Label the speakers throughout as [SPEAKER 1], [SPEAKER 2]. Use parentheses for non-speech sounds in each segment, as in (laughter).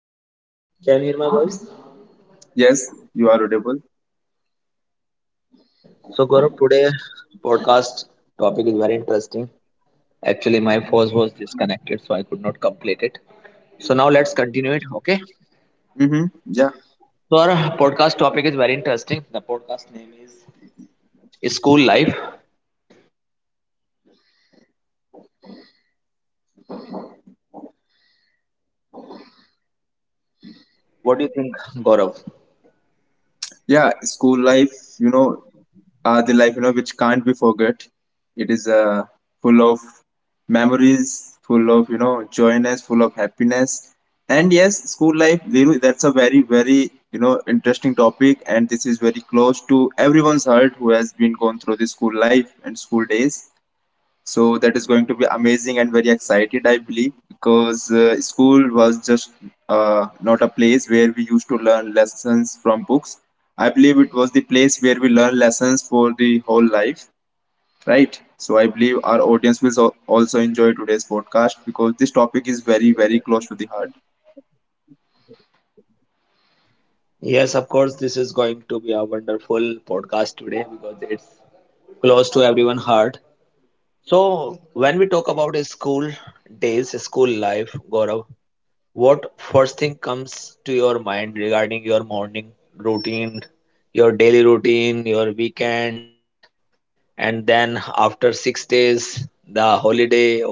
[SPEAKER 1] Hi Thiru. Yes, you are audible. Mm-hmm. Yeah, yeah. School life, you know, the life which can't be forgot. It is full of memories, full of joyness, full of happiness. And yes, school life, Dhiru, that's a very interesting topic, and this is very close to everyone's heart who has been gone through the school life and school days. So that is going to be amazing and very excited, I believe, because school was just not a place where we used to learn lessons from books. I believe it was the place where we learn lessons for the whole life, right? So I believe our audience will also enjoy today's podcast because this topic is very, very close to the heart.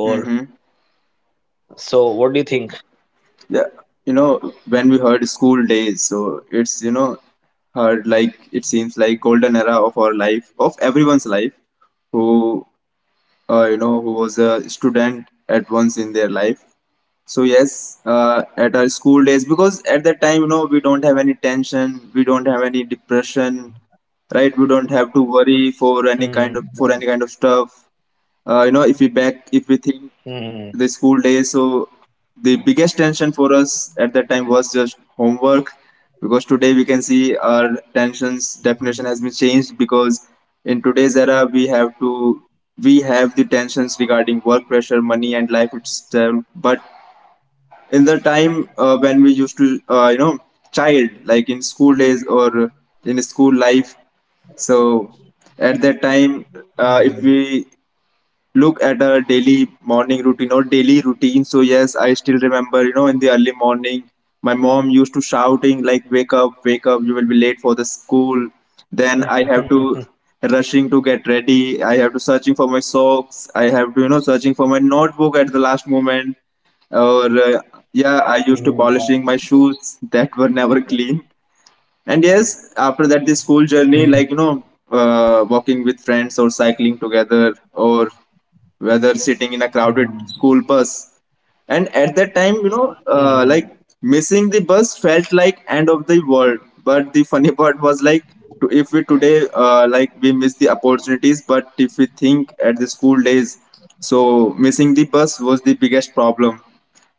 [SPEAKER 1] Mm-hmm. Yeah, you know, when we heard school days, so it's heard like it seems like golden era of our life, of everyone's life who who was a student at once in their life. So yes, at our school days, because at that time, you know, we don't have any tension, we don't have any depression, right? We don't have to worry for any kind of stuff. If we back, if we think the school days. So the biggest tension for us at that time was just homework, because today we can see our tensions definition has been changed. Because in today's era, we have the tensions regarding work pressure, money, and life itself. But in the time when we used to child like in school days or in school life, so at that time, if we look at a daily morning routine or daily routine, so yes, I still remember, you know, in the early morning my mom used to shouting like, wake up, wake up, you will be late for the school. Then I have to rushing to get ready, I have to searching for my socks, I have to, you know, searching for my notebook at the last moment. Or yeah, I used to polishing my shoes that were never clean. And yes, after that, the school journey, like, you know, walking with friends or cycling together, or whether sitting in a crowded school bus. And at that time, you know, like, missing the bus felt like end of the world. But the funny (laughs) part was like, if we today, like, we miss the opportunities, but if we think at the school days, so missing the bus was the biggest problem.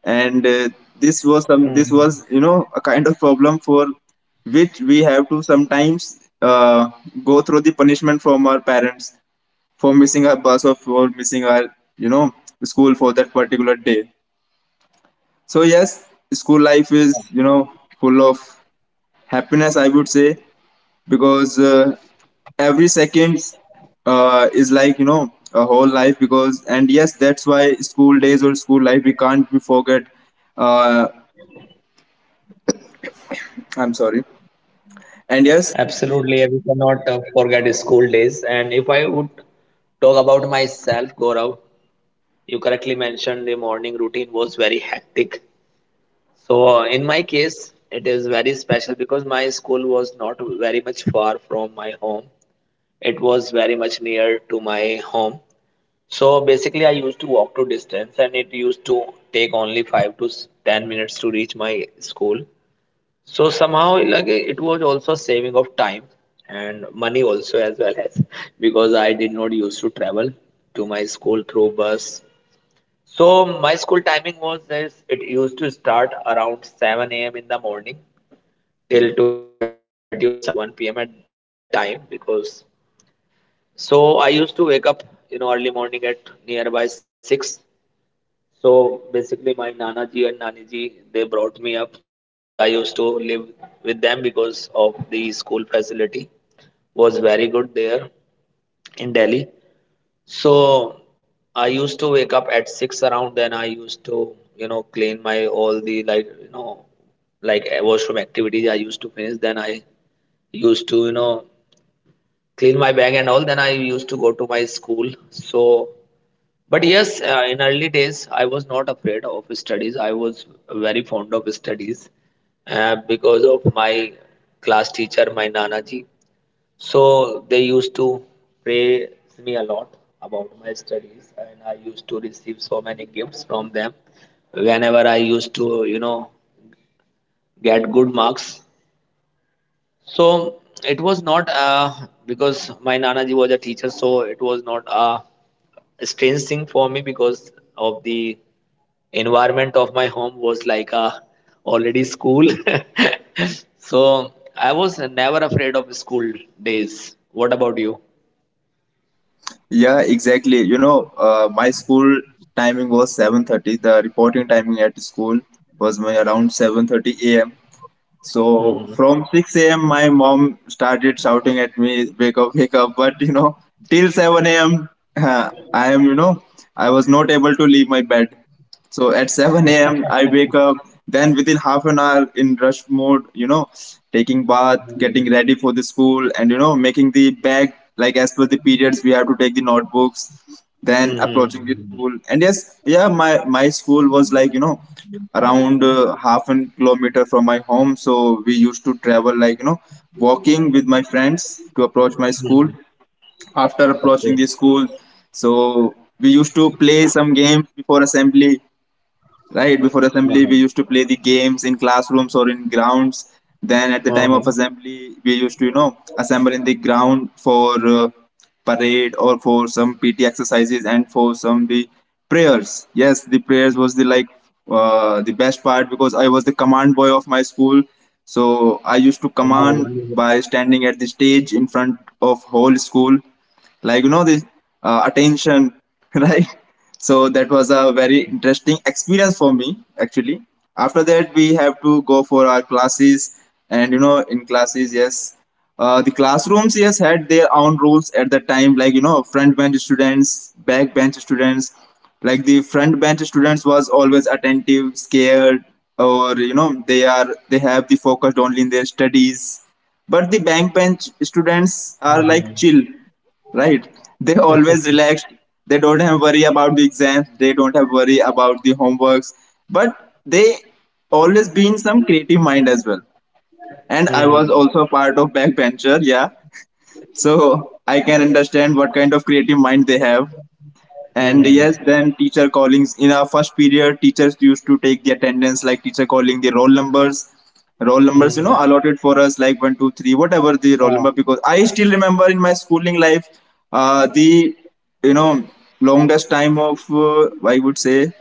[SPEAKER 1] And this was some, this was, you know, a kind of problem for which we have to sometimes go through the punishment from our parents for missing our bus or for missing our, you know, school for that particular day. So yes, school life is, you know, full of happiness, I would say. Because every second is like, you know, a whole life. Because, and yes, that's why school days or school life, we can't be forget. Uh, I'm sorry. And yes, yeah, exactly. You know, my school timing was 7:30. The reporting timing at school was my around 7:30 a.m. So from 6 a.m. my mom started shouting at me, wake up, wake up. But you know, till 7 a.m. (laughs) I am, you know, I was not able to leave my bed. So at 7 a.m., I wake up. Then within half an hour in rush mode, you know, taking bath, getting ready for the school, and, you know, making the bag like as per the periods we have to take the notebooks. Then approaching the school. And yes, yeah, my school was like, you know, around half an kilometer from my home, so we used to travel like, you know, walking with my friends to approach my school. After approaching the school, so we used to play some games before assembly, right? Before assembly we used to play the games in classrooms or in grounds. Then at the time of assembly, we used to, you know, assemble in the ground for parade or for some PT exercises and for some the prayers. Yes, the prayers was the like the best part, because I was the command boy of my school, so I used to command by standing at the stage in front of whole school, like, you know, this attention. (laughs) Right? So that was a very interesting experience for me, actually. After that we have to go for our classes. And you know, in classes, yes, the classrooms, yes, had their own rules at the time, like, you know, front bench students, back bench students. Like the front bench students was always attentive, scared, or, you know, they have the focused only in their studies. But the back bench students are like chill, right? They always relaxed. They don't have worry about the exams, they don't have worry about the homeworks, but they always been some creative mind as well. And I was also a part of backbencher, yeah. So I can understand what kind of creative mind they have. And yes, then teacher callings in our first period, teachers used to take the attendance, like teacher calling the roll numbers, you know, allotted for us, like one, two, three, whatever the roll number. Because I still remember in my schooling life, the you know longest time of, I would say,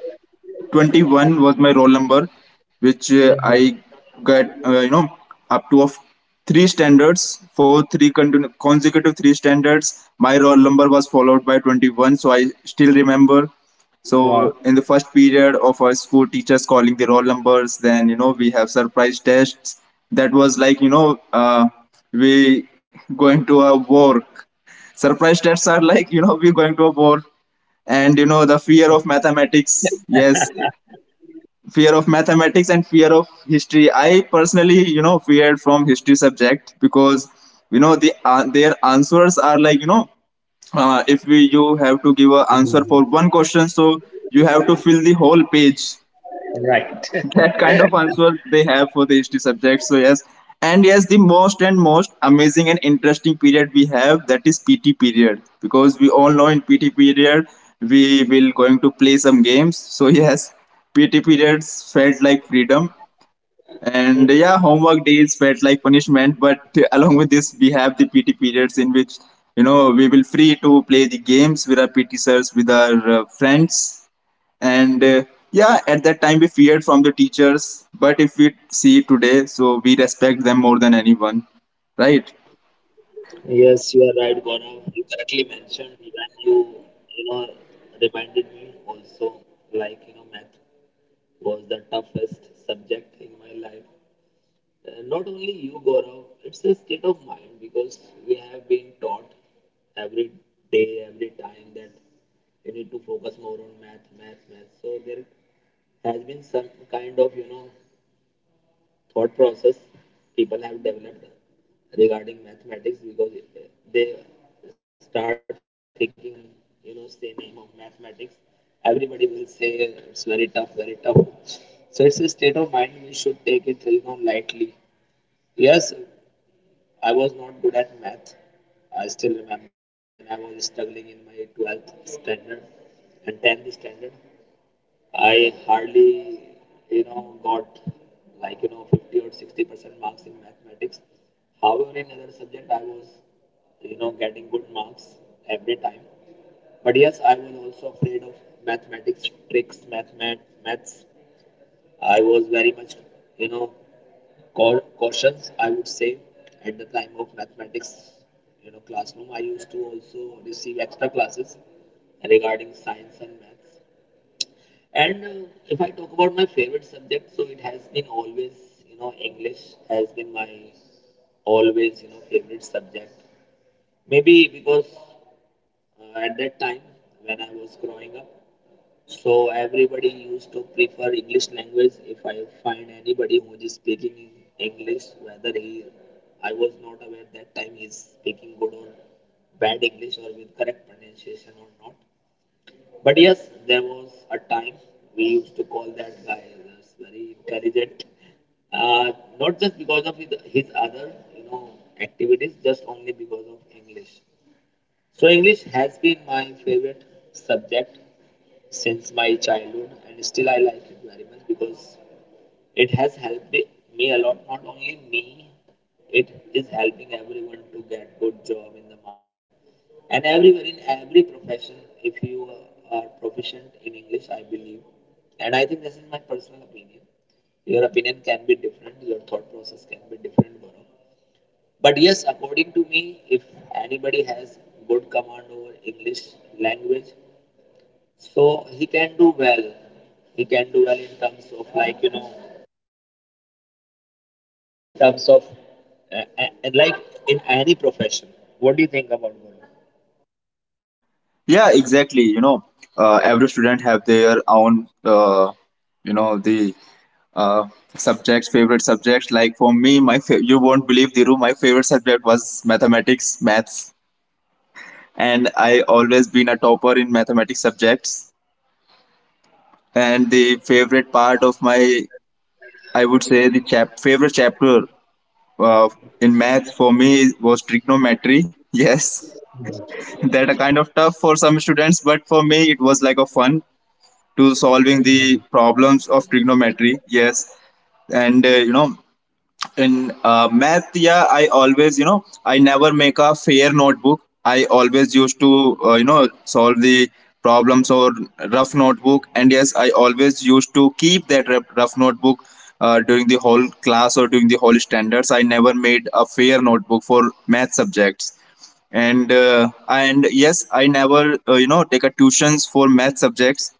[SPEAKER 1] 21 was my roll number, which I got, up to of three standards, for three consecutive three standards my roll number was followed by 21, so I still remember. So in the first period of our school, teachers calling the roll numbers. Then you know we have surprise tests. That was like, you know, we going to a war, surprise tests are like, you know, we going to a war. And you know, the fear of mathematics, yes, fear of mathematics and fear of history. I personally, you know, feared from history subject, because you know the their answers are like, you know, if we, you have to give an answer for one question, so you have to fill the whole page. (laughs) That kind of answer they have for the history subject. So yes, and yes, the most and most amazing and interesting period we have, that is PT period, because we all know in PT period we will going to play some games, so (laughs) yes, PT periods felt like freedom. And yeah, homework days felt like punishment, but (laughs) along with this, we have the PT periods in which, you know, we will free to play the games with our PT sirs, with our friends. And yeah, at that time we feared from the teachers, but if we see today, so we respect them more than anyone, right? Yeah, exactly, you know, every student have their own you know the uh, subjects, favorite subjects. Like for me, you won't believe, Diru, my favorite subject was mathematics, maths. And I always been a topper in mathematics subjects. And the favorite part of my, I would say, the favorite chapter, Uh, in math, for me, it was trigonometry. (laughs) Yes, that are kind of tough for some students, but for me, it was like a fun to solving the problems of trigonometry. Yes, and in math, yeah, I always, you know, I never make a fair notebook. I always used to, solve the problems or rough notebook. And yes, I always used to keep that rough notebook during the whole class or during the whole standards. I never made a fair notebook for math subjects. And yes, I never, take a tuitions for math subjects.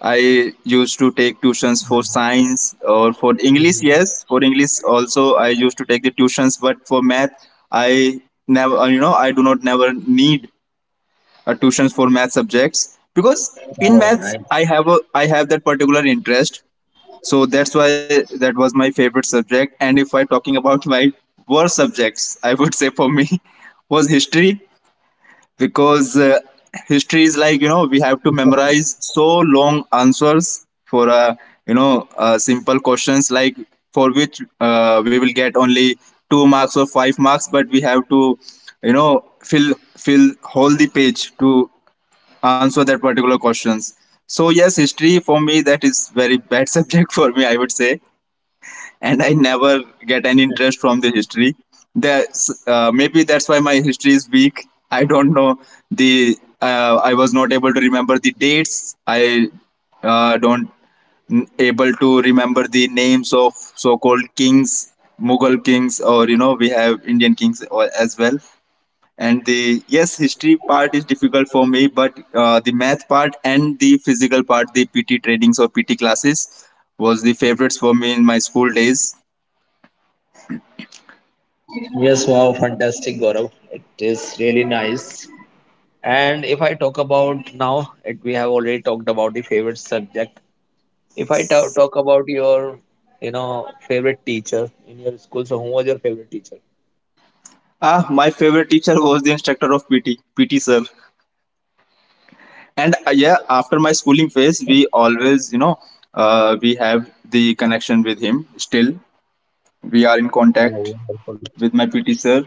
[SPEAKER 1] I used to take tuitions for science or for English. Yes, for English also I used to take the tuitions, but for math I never, I do not never need a tuitions for math subjects, because in maths I have that particular interest. So that's why that was my favorite subject. And if I'm talking about my worst subjects, I would say for me (laughs) was history, because history is like, you know, we have to memorize so long answers for, simple questions, like for which we will get only two marks or five marks, but we have to, you know, fill whole the page to answer that particular questions. So yes, history for me, that is very bad (laughs) subject for me, I would say. And I never get any interest from the history. That's maybe that's why my history is weak. I don't know the. I was not able to remember the dates. I don't n- able to remember the names of so-called kings, Mughal kings, or we have Indian kings as well. And the yes, history part is difficult for me, but the math part and the physical part, the PT trainings or PT classes, was the favorites for me in my school days. Ah, my favorite teacher was the instructor of PT, PT sir. And yeah, after my schooling phase, we always, we have the connection with him. Still, we are in contact with my PT sir.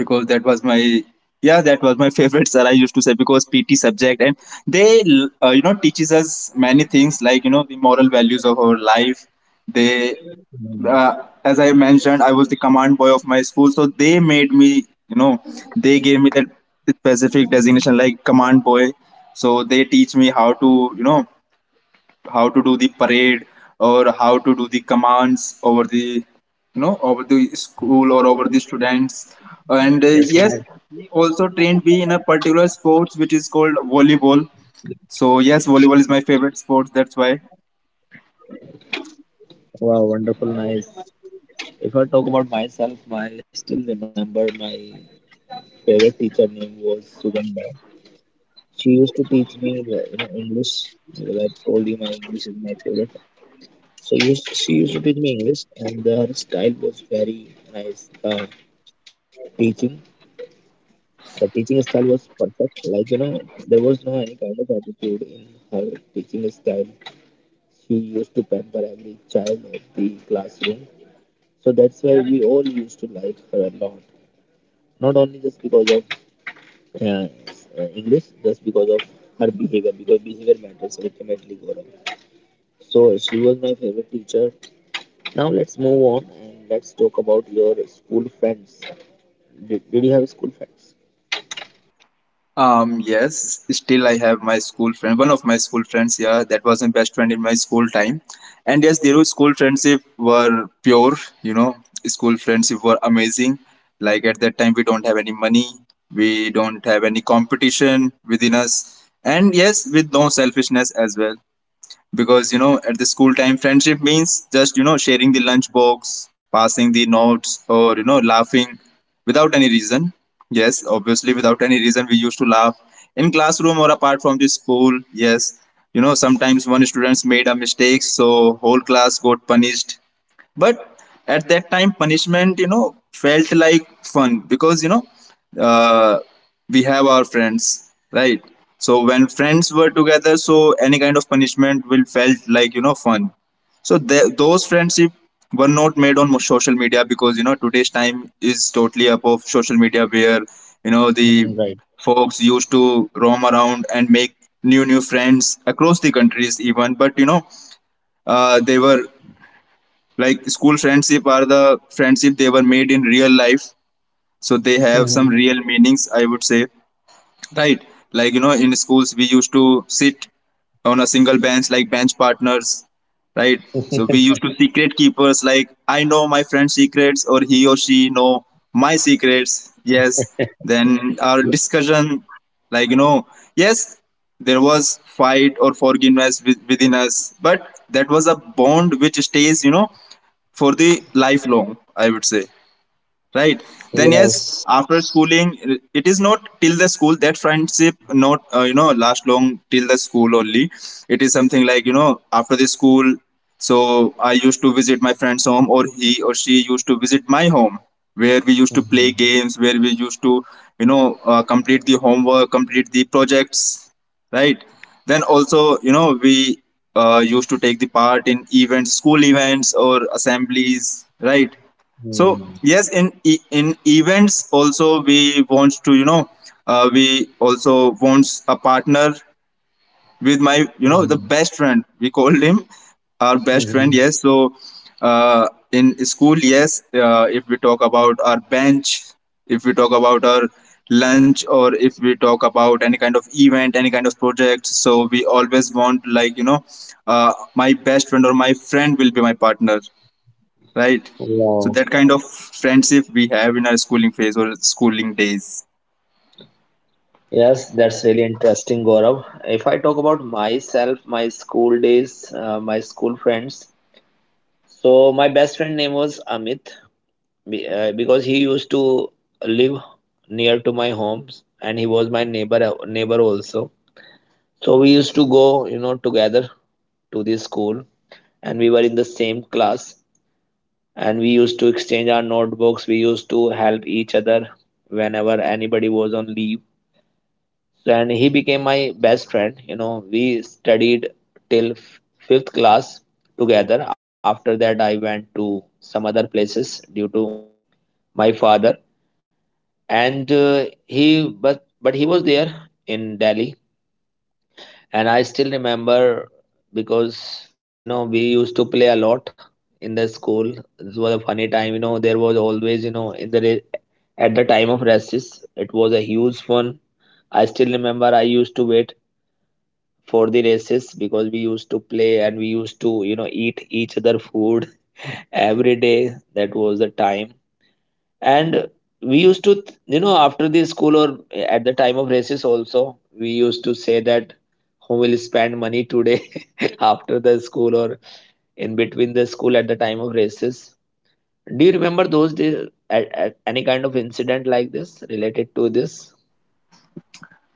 [SPEAKER 1] Because that was my, yeah, that was my (laughs) favorite sir, I used to say, because PT subject. And they, you know, teaches us many things, like you know, the moral values of our life. They uh, as I mentioned, I was the command boy of my school, so they made me, you know, they gave me that specific designation, like command boy. So they teach me how to, you know, how to do the parade or how to do the commands over the, you know, over the school or over the students. And yes, he also trained me in a particular sports which is called volleyball. So yes, volleyball is my favorite sport, that's why. Yes, still I have my school friend, one of my school friends, yeah, that was my best friend in my school time. And yes, their school friendship were pure, you know, school friendship were amazing. Like at that time, we don't have any money, we don't have any competition within us, and yes, with no selfishness as well. Because you know, at the school time, friendship means just, you know, sharing the lunch box, passing the notes, or you know, laughing without any reason. Yes, obviously without any reason we used to laugh in classroom or apart from the school. Yes, you know, sometimes one students made a mistake, so whole class got punished. But at that time, punishment, you know, felt like fun, because you know uh, we have our friends, right? So when friends were together, so any kind of punishment will felt like, you know, fun. So the those friendship were not made on social media, because you know, today's time is totally up of social media, where you know, the folks used to roam around and make new new friends across the countries even. But you know, they were, like school friendship are the friendship, they were made in real life, so they have some real meanings, I would say, right? Like you know, in schools we used to sit on a single bench, like bench partners, right? So we used to secret keepers. Like I know my friend's secrets, or he or she know my secrets. Yes. Then our discussion, like you know, yes, there was fight or forgiveness within us, but that was a bond which stays, you know, for the lifelong, I would say, right? Then yes, after schooling, it is not till the school that friendship not, you know, last long till the school only. It is something like, you know, after the school. So I used to visit my friend's home, or he or she used to visit my home, where we used to play games, where we used to complete the homework, complete the projects, right? Then also, you know, we used to take the part in events, school events or assemblies, right? So yes, in events also we want to, you know, we also wants a partner with my, you know, the best friend, we called him our best friend. Yes, so in school, yes, if we talk about our bench, if we talk about our lunch, or if we talk about any kind of event, any kind of project, so we always want like, you know, my best friend or my friend will be my partner, right? So that kind of friendship we have in our schooling phase or schooling days.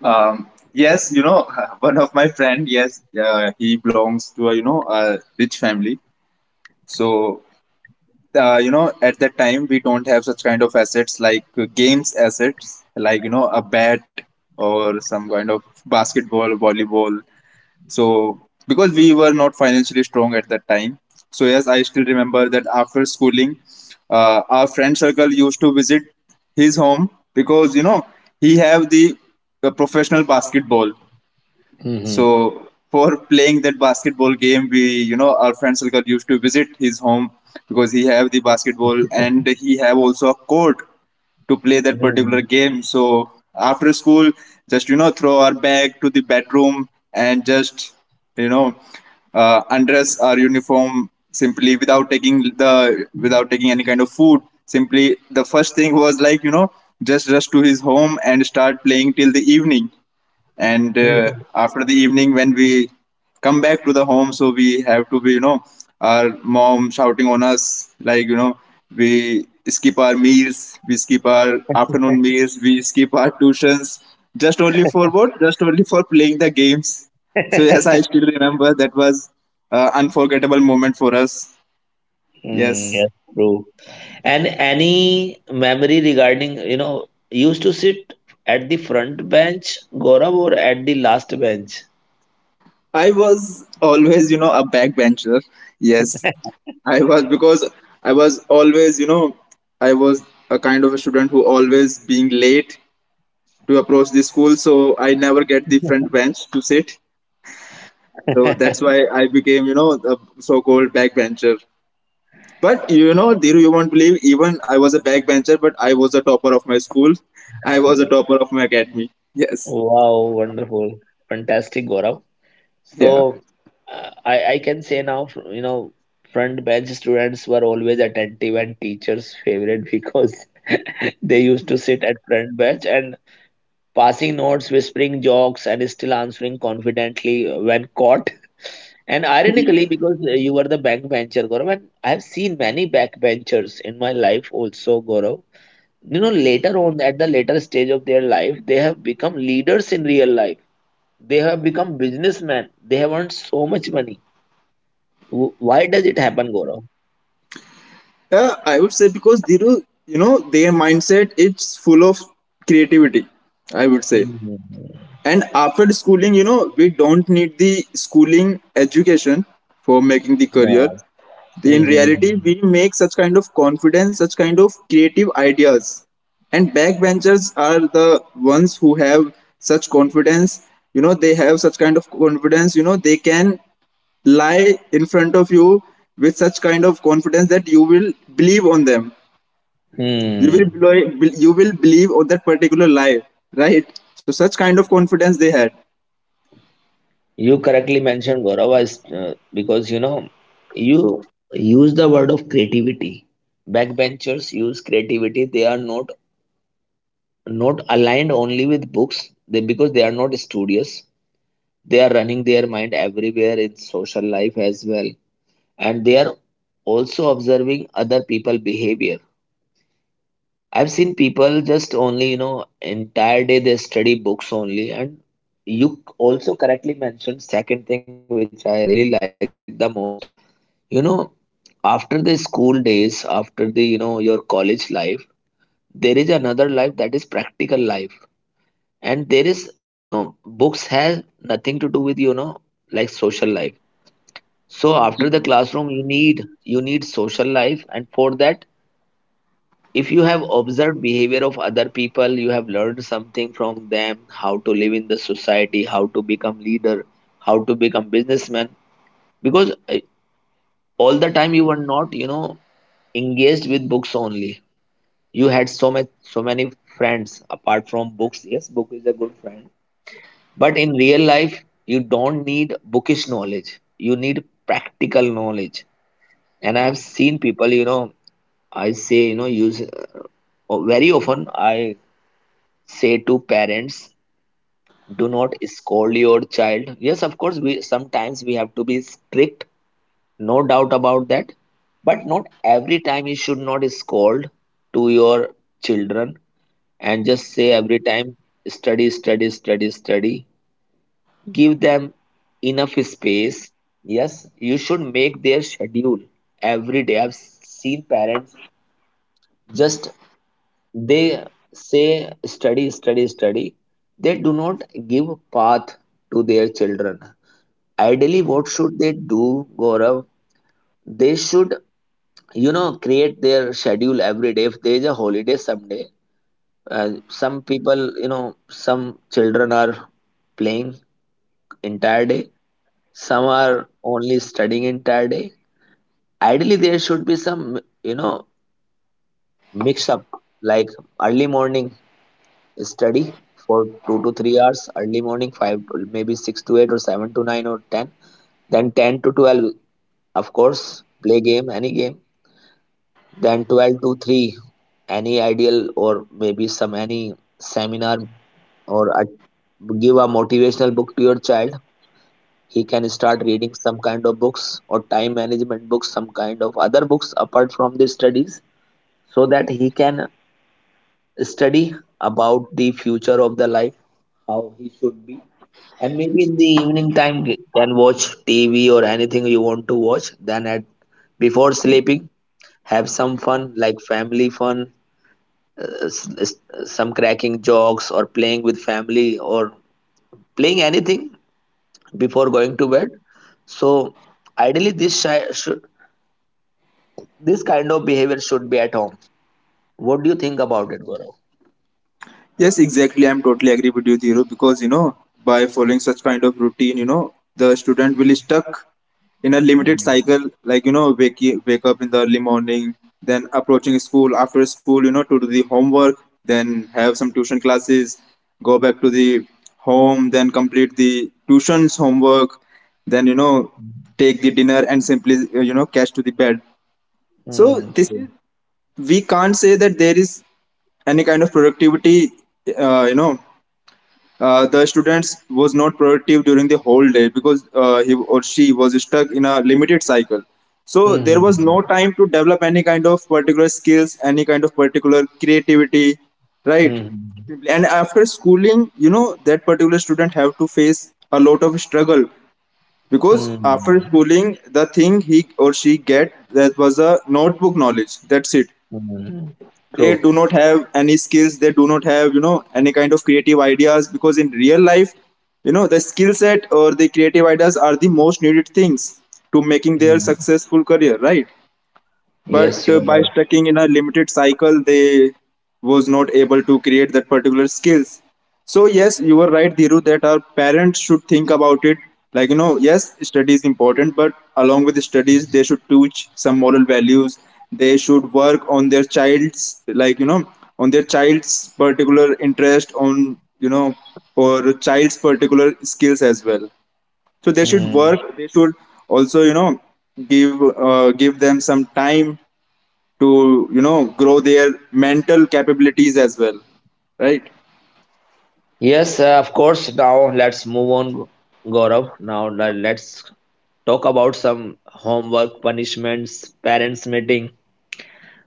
[SPEAKER 1] Yes, you know, (laughs) one of my friend, yes, he belongs to a, you know, a rich family. So you know, at that time we don't have such kind of assets, like games assets, like you know, a bat or some kind of basketball, volleyball. So, because we were not financially strong at that time, so yes, I still remember that after schooling, our friend circle used to visit his home, because you know, he have the, the professional basketball.
[SPEAKER 2] Mhm.
[SPEAKER 1] So for playing that basketball game, we, you know, our friend circle used to visit his home, because he have the basketball and he have also a court to play that particular
[SPEAKER 2] Mhm.
[SPEAKER 1] game. So after school, just you know, throw our bag to the bedroom, and just you know, undress our uniform, simply without taking any kind of food. Simply, the first thing was like, you know, just rush to his home and start playing till the evening. And after the evening, when we come back to the home, so we have to be, you know, our mom shouting on us, like you know, we skip our meals, we skip our afternoon meals, we skip our tuitions, just only for what, just only for playing the games. So yes, I still remember that was unforgettable moment for us. Yes, I was always, you know, a backbencher. Yes, I was. Because I was always, you know, I was a kind of a student who always being late to approach the school, so I never get the front bench to sit. So that's why I became, you know, a so-called backbencher. But you know, Dhiru, you won't believe, even I was a backbencher, but I was a topper of my school. I was a topper of my academy. Yes. Yeah. (laughs) Yes. I would say, because Dhiru, you know, their mindset it's full of creativity, I would say.
[SPEAKER 2] Mhm.
[SPEAKER 1] And after the schooling, you know, we don't need the schooling education for making the career.
[SPEAKER 2] Yes.
[SPEAKER 1] In reality,
[SPEAKER 2] Mhm.
[SPEAKER 1] we make such kind of confidence, such kind of creative ideas. And backbenchers are the ones who have such confidence. You know, they have such kind of confidence. You know, they can lie in front of you with such kind of confidence that you will believe on them.
[SPEAKER 2] Hmm.
[SPEAKER 1] You will believe on that particular lie, right? So such kind of confidence they had.
[SPEAKER 2] You correctly mentioned, Gaurav. Because you use the word of creativity. Backbenchers use creativity. They are not aligned only with books. They Because they are not studious. They are running their mind everywhere in social life as well, and they are also observing other people behavior. I've seen people just only, entire day they study books only. And you also correctly mentioned second thing which I really like the most. You know, after the school days, after your college life, there is another life that is practical life. And there is, you know, books has nothing to do with, like, social life. So after the classroom, you need social life, and for that if you have observed behavior of other people, you have learned something from them: how to live in the society, how to become leader, how to become businessman. Because All the time you were not engaged with books only. You had so many friends apart from books. Yes, book is a good friend, but in real life you don't need bookish knowledge, you need practical knowledge. And I have seen people. I say, use, very often I say to parents, do not scold your child. Yes, of course, we sometimes we have to be strict, no doubt about that. But not every time you should not scold to your children, and just say every time, study, study, study, study. Give them enough space. Yes, you should make their schedule every day. I've seen parents, just They say, study, study, study. They do not give path to their children. Ideally, what should they do, Gaurav? They should, create their schedule every day. If there is a holiday someday, some people, you know, some children are playing entire day. Some are only studying entire day. Ideally, there should be some, mix up like early morning study for 2 to 3 hours early morning, five to maybe six to eight or seven to nine or ten. Then 10 to 12, of course, play game, any game. Then 12 to three, any ideal or maybe some any seminar, or a, give a motivational book to your child. He can start reading some kind of books or time management books, some kind of other books apart from the studies, so that he can study about the future of the life. And maybe in the evening time, you can watch TV or anything you want to watch. Then at before sleeping, have some fun like family fun, some cracking jokes or playing with family or playing anything before going to bed. So ideally, this kind of behavior should be at home. What do you think about it, Gaurav?
[SPEAKER 1] Yes, exactly. I'm totally agree with you, Dhiro, because you know, by following such kind of routine, you know, the student will stuck in a limited cycle, like you know, wake up in the early morning, then approaching school, after school, you know, to do the homework, then have some tuition classes, go back to the home, then complete the tuition's homework, then you know, take the dinner, and simply you know, catch to the bed. So
[SPEAKER 2] Hmm.
[SPEAKER 1] this is, we can't say that there is any kind of productivity, uh, you know the students was not productive during the whole day, because he or she was stuck in a limited cycle. So there
[SPEAKER 2] Hmm.
[SPEAKER 1] was no time to develop any kind of particular skills, any kind of particular creativity, right?
[SPEAKER 2] Hmm. Hmm.
[SPEAKER 1] And after schooling, you know, that particular student have to face a lot of struggle, because after
[SPEAKER 2] Hmm.
[SPEAKER 1] schooling, the thing he or she get, that was a notebook knowledge. That's it.
[SPEAKER 2] Hmm.
[SPEAKER 1] They
[SPEAKER 2] True.
[SPEAKER 1] do not have any skills, they do not have, you know, any kind of creative ideas, because in real life, you know, the skill set or the creative ideas are the most needed things to making their
[SPEAKER 2] Hmm.
[SPEAKER 1] successful career, right?
[SPEAKER 2] Yes,
[SPEAKER 1] But
[SPEAKER 2] you
[SPEAKER 1] by
[SPEAKER 2] are.
[SPEAKER 1] stucking in a limited cycle, they was not able to create that particular skills. So yes, you were right, Dhiru, that our parents should think about it. Like you know, yes, study is important, but along with the studies, they should teach some moral values. They should work on their child's, like you know, on their child's particular interest on, you know, or child's particular skills as well. So they should
[SPEAKER 2] Hmm.
[SPEAKER 1] work, they should also, you know, give give them some time to, you know, grow their mental capabilities as well, right?
[SPEAKER 2] Yes, of course. Now let's move on, Gaurav. Now let's talk about some homework punishments, parents' meeting.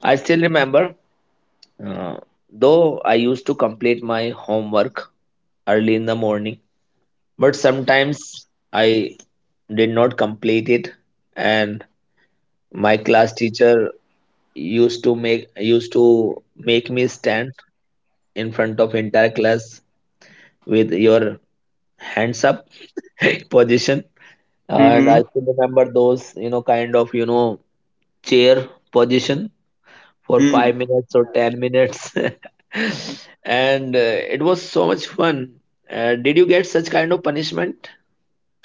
[SPEAKER 2] I still remember, uh, though I used to complete my homework early in the morning, but sometimes I did not complete it, and my class teacher used to make me stand in front of entire class with your hands up (laughs) position. And
[SPEAKER 1] Mm-hmm.
[SPEAKER 2] I still remember those kind of chair position for 5
[SPEAKER 1] Mm.
[SPEAKER 2] minutes or 10 minutes. (laughs) And it was so much fun. Did you get such kind of punishment?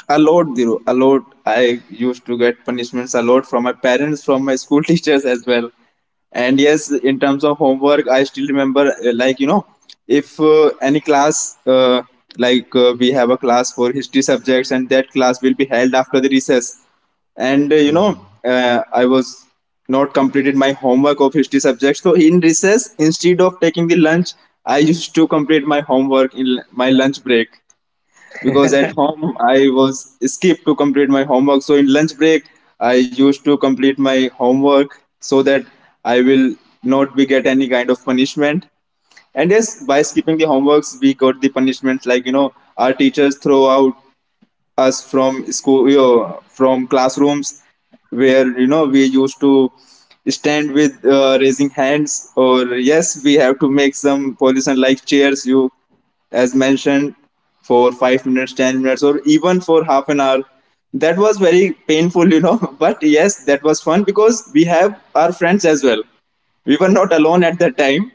[SPEAKER 1] A lot, Dhiru, a lot. I used to get punishments a lot from my parents, from my school (laughs) teachers as well. And yes, in terms of homework, I still remember if any class, we have a class for history subjects, and that class will be held after the recess. And I was not completed my homework of history subjects, so in recess, instead of taking the lunch, I used to complete my homework in my lunch break, because at home I was skipped to complete my homework. So in lunch break, I used to complete my homework so that I will not be get any kind of punishment. And yes, by skipping the homeworks, we got the punishments like you know our teachers throw out us from school, you know, from classrooms, where you know we used to stand with raising hands. Or yes, we have to make some pollution like chairs, you as mentioned, for 5 minutes, 10 minutes, or even for half an hour. That was very painful, you know. (laughs) But yes, that was fun because we have our friends as well. We were not alone at that time.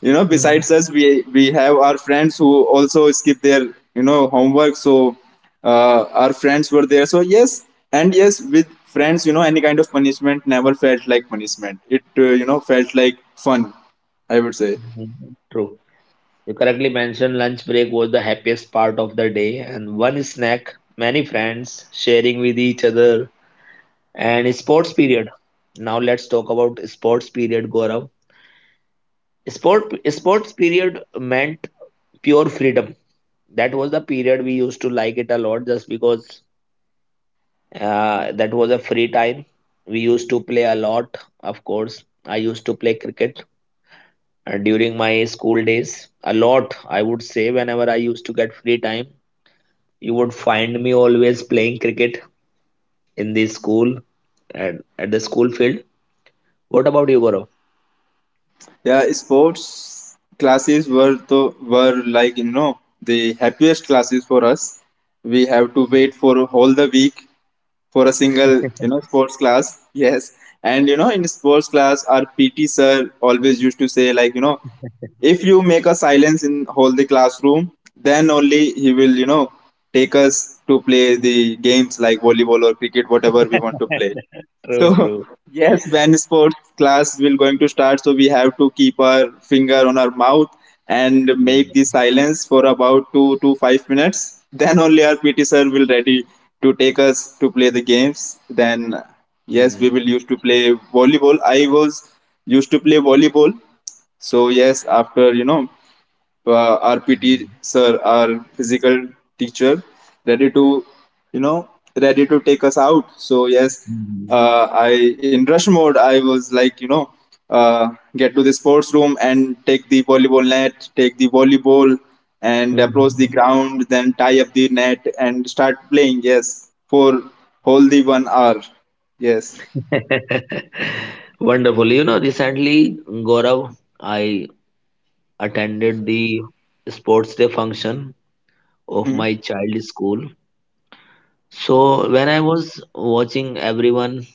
[SPEAKER 1] You know,
[SPEAKER 2] Mhm.
[SPEAKER 1] besides us, we have our friends who also skip their you know homework. So our friends were there, so yes. And yes, with friends, you know, any kind of punishment never felt like punishment. It you know felt like fun, I would say.
[SPEAKER 2] Mhm. True. You correctly mentioned lunch break was the happiest part of the day, and one snack, many friends sharing with each other, and sports period. Now let's talk about sports period, Gaurav. Sports period meant pure freedom. That was the period we used to like it a lot, just because that was a free time. We used to play a lot, of course. I used to play cricket during my school days a lot. I would say whenever I used to get free time, you would find me always playing cricket in the school at the school field. What about you, Gaurav?
[SPEAKER 1] Yeah, sports classes were like you know the happiest classes for us. We have to wait for whole the week for a single you know sports class. Yes. And you know, in sports class, our PT sir always used to say like you know, if you make a silence in whole the classroom, then only he will you know take us to play the games like volleyball or cricket, whatever we want to play. So
[SPEAKER 2] True, true.
[SPEAKER 1] (laughs) yes, when sports class will going to start, so we have to keep our finger on our mouth and make the silence for about 2 to 5 minutes. (laughs) Then only our PT sir will ready to take us to play the games. Then yes, we
[SPEAKER 2] Hmm.
[SPEAKER 1] will used to play volleyball. I was used to play volleyball. So yes, after you know PT sir, our physical teacher, ready to, you know, ready to take us out. So yes,
[SPEAKER 2] Hmm.
[SPEAKER 1] I in rush mode. I was like, you know, uh, get to the sports room and take the volleyball net, take the volleyball, and
[SPEAKER 2] Hmm.
[SPEAKER 1] approach the ground, then tie up the net and start playing. Yes, for whole the 1 hour. Yes.
[SPEAKER 2] (laughs) Wonderful. Recently, Gaurav, I attended the sports day function of
[SPEAKER 1] Hmm.
[SPEAKER 2] my child's school. So when I was watching everyone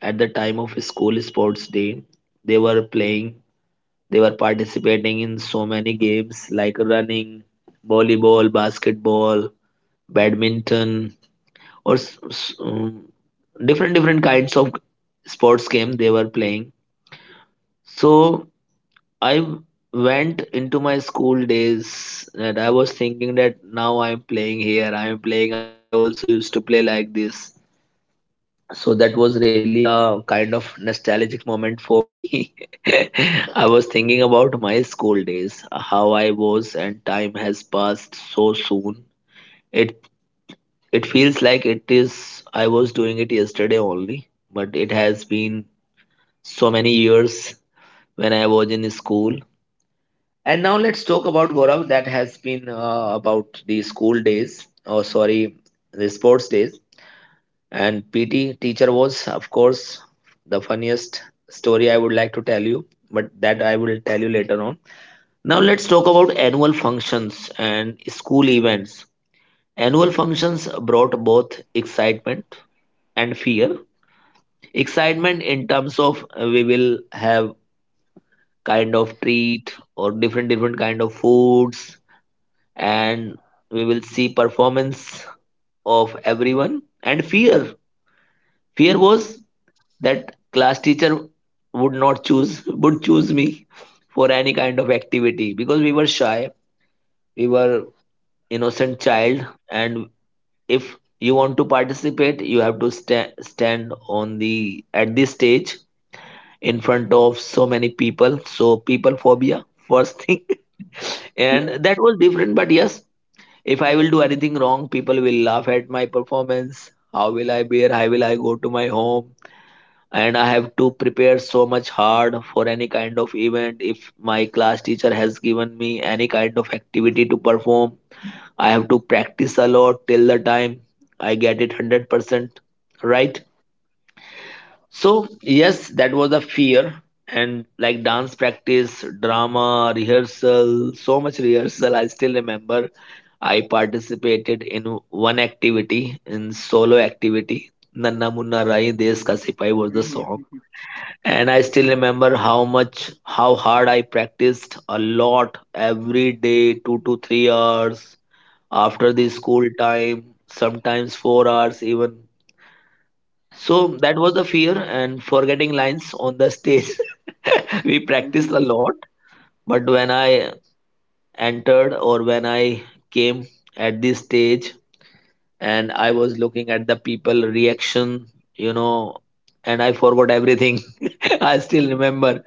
[SPEAKER 2] at the time of school sports day, they were playing, they were participating in so many games like running, volleyball, basketball, badminton, or different different kinds of sports game they were playing. So I went into my school days and I was thinking that, now I'm playing here, I'm playing. I also used to play like this. So that was really a kind of nostalgic moment for me. (laughs) I was thinking about my school days, how I was, and time has passed so soon. It it feels like it is I was doing it yesterday only, but it has been so many years when I was in school. And now let's talk about, Gaurav. That has been, about the school days, or sorry, the sports days. And PT teacher was, of course, the funniest story I would like to tell you, but that I will tell you later on. Now let's talk about annual functions and school events. Annual functions brought both excitement and fear. Excitement in terms of, we will have kind of treat or different different kind of foods, and we will see performance of everyone. And fear was that class teacher would not choose, would choose me for any kind of activity, because we were shy, we were innocent child. And if you want to participate, you have to stand on the at this stage in front of so many people, so people phobia first thing. (laughs) And
[SPEAKER 1] Yeah.
[SPEAKER 2] that was different, but yes. If I will do anything wrong, people will laugh at my performance. How will I bear? How will I go to my home? And I have to prepare so much hard for any kind of event. If my class teacher has given me any kind of activity to perform, I have to practice a lot till the time I get it 100%. Right? So, yes, that was a fear. And like dance practice, drama, rehearsal, so much rehearsal. I still remember I participated in one activity, in solo activity. Nanna Munna Rai Desh Ka Sipai was the song.
[SPEAKER 1] Hmm.
[SPEAKER 2] And I still remember how hard I practiced a lot every day, 2 to 3 hours after the school time, sometimes 4 hours even. So that was the fear and forgetting lines on the stage. (laughs) We practiced a lot, but when I entered, or when I came at this stage and I was looking at the people reaction, you know, and I forgot everything. (laughs) I still remember.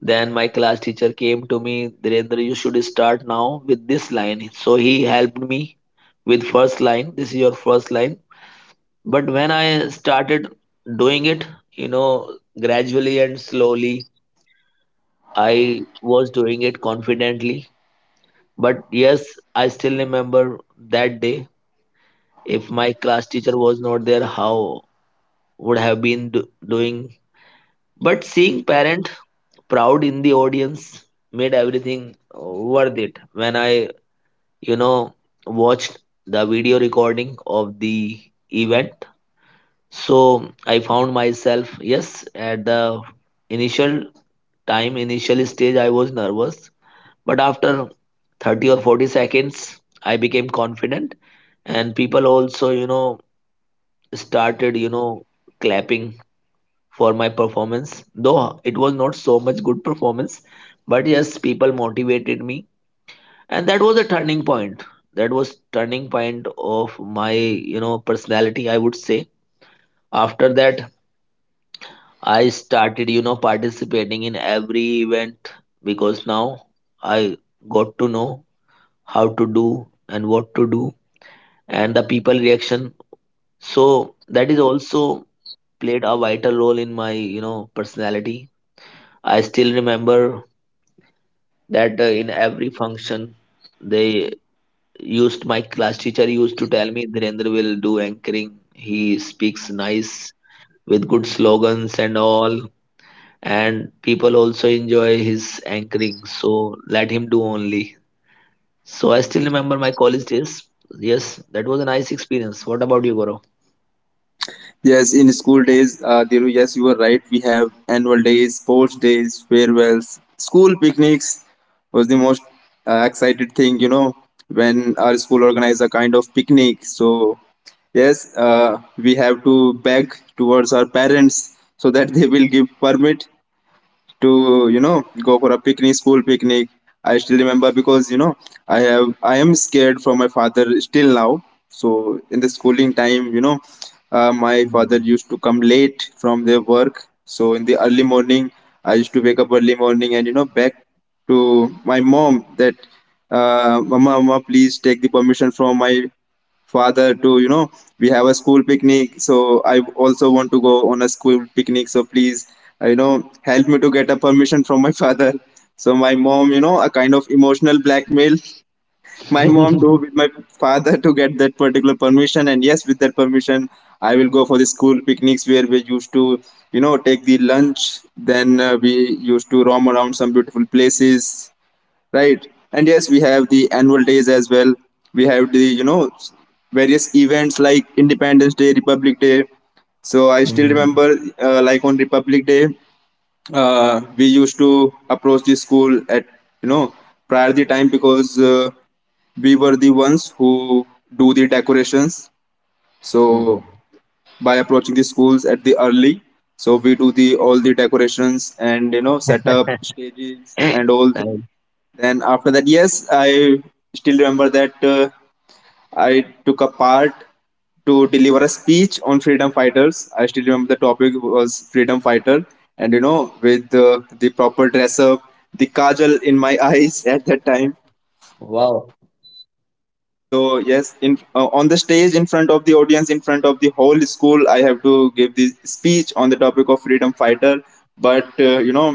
[SPEAKER 2] Then my class teacher came to me, Dhirendra, you should start now with this line. So he helped me with first line. This is your first line. But when I started doing it, you know, gradually and slowly, I was doing it confidently. But yes, I still remember that day. If my class teacher was not there, how would have been doing? But seeing parent proud in the audience made everything worth it. When I, you know, watched the video recording of the event, so I found myself, yes, at the initial initial stage, I was nervous. But after 30 or 40 seconds, I became confident. And people also, started, clapping for my performance. Though it was not so much good performance, but yes, people motivated me. And that was a turning point. That was turning point of my, personality, I would say. After that, I started, participating in every event, because now I got to know how to do and what to do, and the people reaction. So that is also played a vital role in my, personality. I still remember that, in every function, they used my class teacher used to tell me, Dhirendra will do anchoring. He speaks nice with good slogans and all, and people also enjoy his anchoring. So let him do only. So I still remember my college days. Yes, that was a nice experience. What about you, Gaurav?
[SPEAKER 1] Yes, in school days, Diru, yes, you were right. We have annual days, sports days, farewells, school picnics was the most excited thing, you know, when our school organized a kind of picnic. So yes, we have to beg towards our parents so that (laughs) they will give permit to you know go for a picnic, school picnic. I still remember because you know I have I am scared from my father still now so in the schooling time you know my father used to come late from their work. So in the early morning, I used to wake up early morning and you know back to my mom that mama, mama, please take the permission from my father to you know, we have a school picnic, so I also want to go on a school picnic, so please you know help me to get a permission from my (laughs) father. So my mom, you know, a kind of emotional blackmail (laughs) my mom do
[SPEAKER 2] (laughs)
[SPEAKER 1] with my father to get that particular permission. And yes, with that permission, I will go for the school picnics, where we used to you know take the lunch, then we used to roam around some beautiful places, right? And yes, we have the annual days as well. We have the you know various events like Independence Day, Republic Day. So I still
[SPEAKER 2] Mhm.
[SPEAKER 1] remember like on Republic Day, we used to approach the school at you know prior the time, because we were the ones who do the decorations. So
[SPEAKER 2] Mhm.
[SPEAKER 1] by approaching the schools at the early. So we do the all the decorations and you know set up stages
[SPEAKER 2] And-
[SPEAKER 1] and all things.
[SPEAKER 2] (laughs)
[SPEAKER 1] Then after that, yes, I still remember that I took a part to deliver a speech on freedom fighters. I still remember the topic was freedom fighter, and you know, with the proper dress up, the kajal in my (laughs) eyes at that time,
[SPEAKER 2] Wow.
[SPEAKER 1] so yes, in on the stage, in front of the audience, in front of the whole school, I have to give this speech on the topic of freedom fighter. But you know,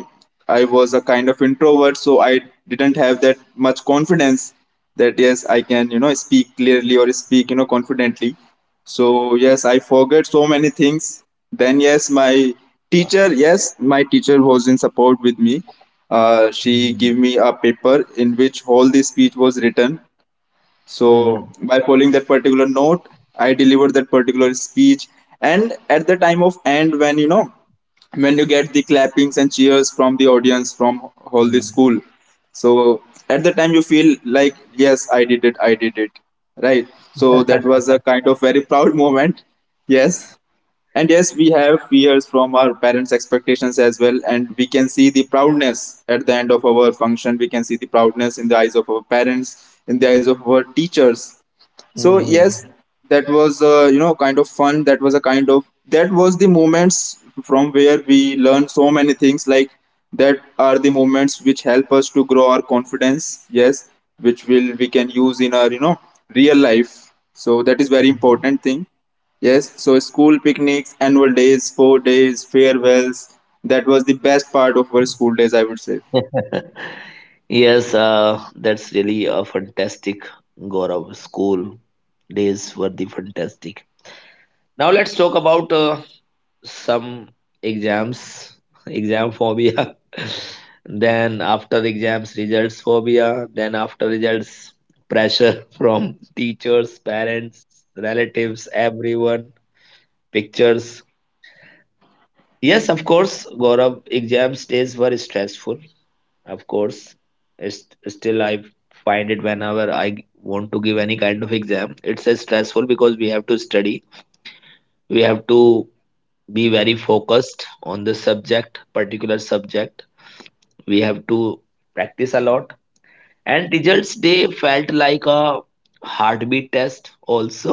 [SPEAKER 1] I was a kind of introvert, so I didn't have that much confidence that yes, I can you know speak clearly or speak you know confidently. So yes, I forgot so many things. Then yes, my teacher was in support with me. She
[SPEAKER 2] Mhm.
[SPEAKER 1] gave me a paper in which all the speech was written. So
[SPEAKER 2] Mhm.
[SPEAKER 1] by following that particular note, I delivered that particular speech. And at the time of end, when you know, when you get the clappings and cheers from the audience, from all the
[SPEAKER 2] Mhm.
[SPEAKER 1] school, so at the time you feel like yes, I did it, right? So that was a kind of very (laughs) proud moment. Yes, and yes, we have fears from our parents' expectations as well, and we can see the proudness at the end of our function. We can see the proudness in the eyes of our parents, in the eyes of our teachers, so
[SPEAKER 2] Mhm.
[SPEAKER 1] yes, that was you know kind of fun. That was a kind of, that was the moments from where we learn so many things, like that are the moments which help us to grow our confidence, yes, which will we can use in our you know real life. So that is very important thing. Yes, so school picnics, annual days, sport days, farewells. That was the best part of our school days, I would say.
[SPEAKER 2] (laughs) Yes, that's really a fantastic, Gaurav. School days were the fantastic. Now let's talk about some exams, (laughs) exam phobia. (laughs) Then after exams, results phobia. Then after results, pressure from (laughs) teachers, parents, relatives, everyone, pictures. Yes, of course, Gaurav, exams days were stressful. Of course, still I find it whenever I want to give any kind of exam, it's a stressful because we have to study, we have to be very focused on the subject particular subject, we have to practice a lot, and results they felt like a heartbeat test also.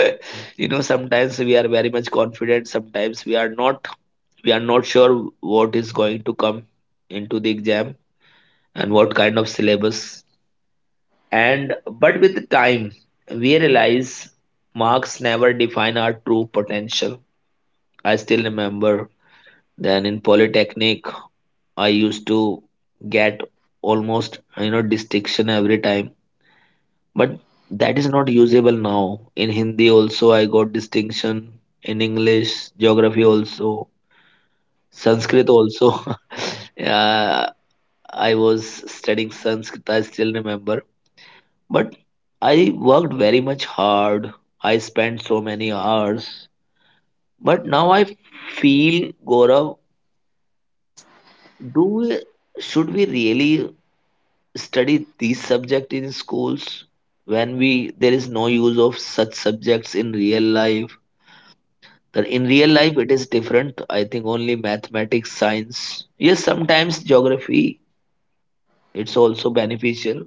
[SPEAKER 2] (laughs) You know, sometimes we are very much confident, sometimes we are not, we are not sure what is going to come into the exam and what kind of syllabus. And but with the time we realize marks never define our true potential. I still remember then in polytechnic I used to get almost, you know, distinction every time, but that is not usable now. In Hindi also I got distinction. In English, geography also, Sanskrit also. (laughs) Yeah, I was studying Sanskrit. I still remember, but I worked very much hard. I spent so many hours, but now I feel, Gaurav, do we, should we really study these subjects in schools when we there is no use of such subjects in real life? That in real life it is different. I think only mathematics, science, yes, sometimes geography, it's also beneficial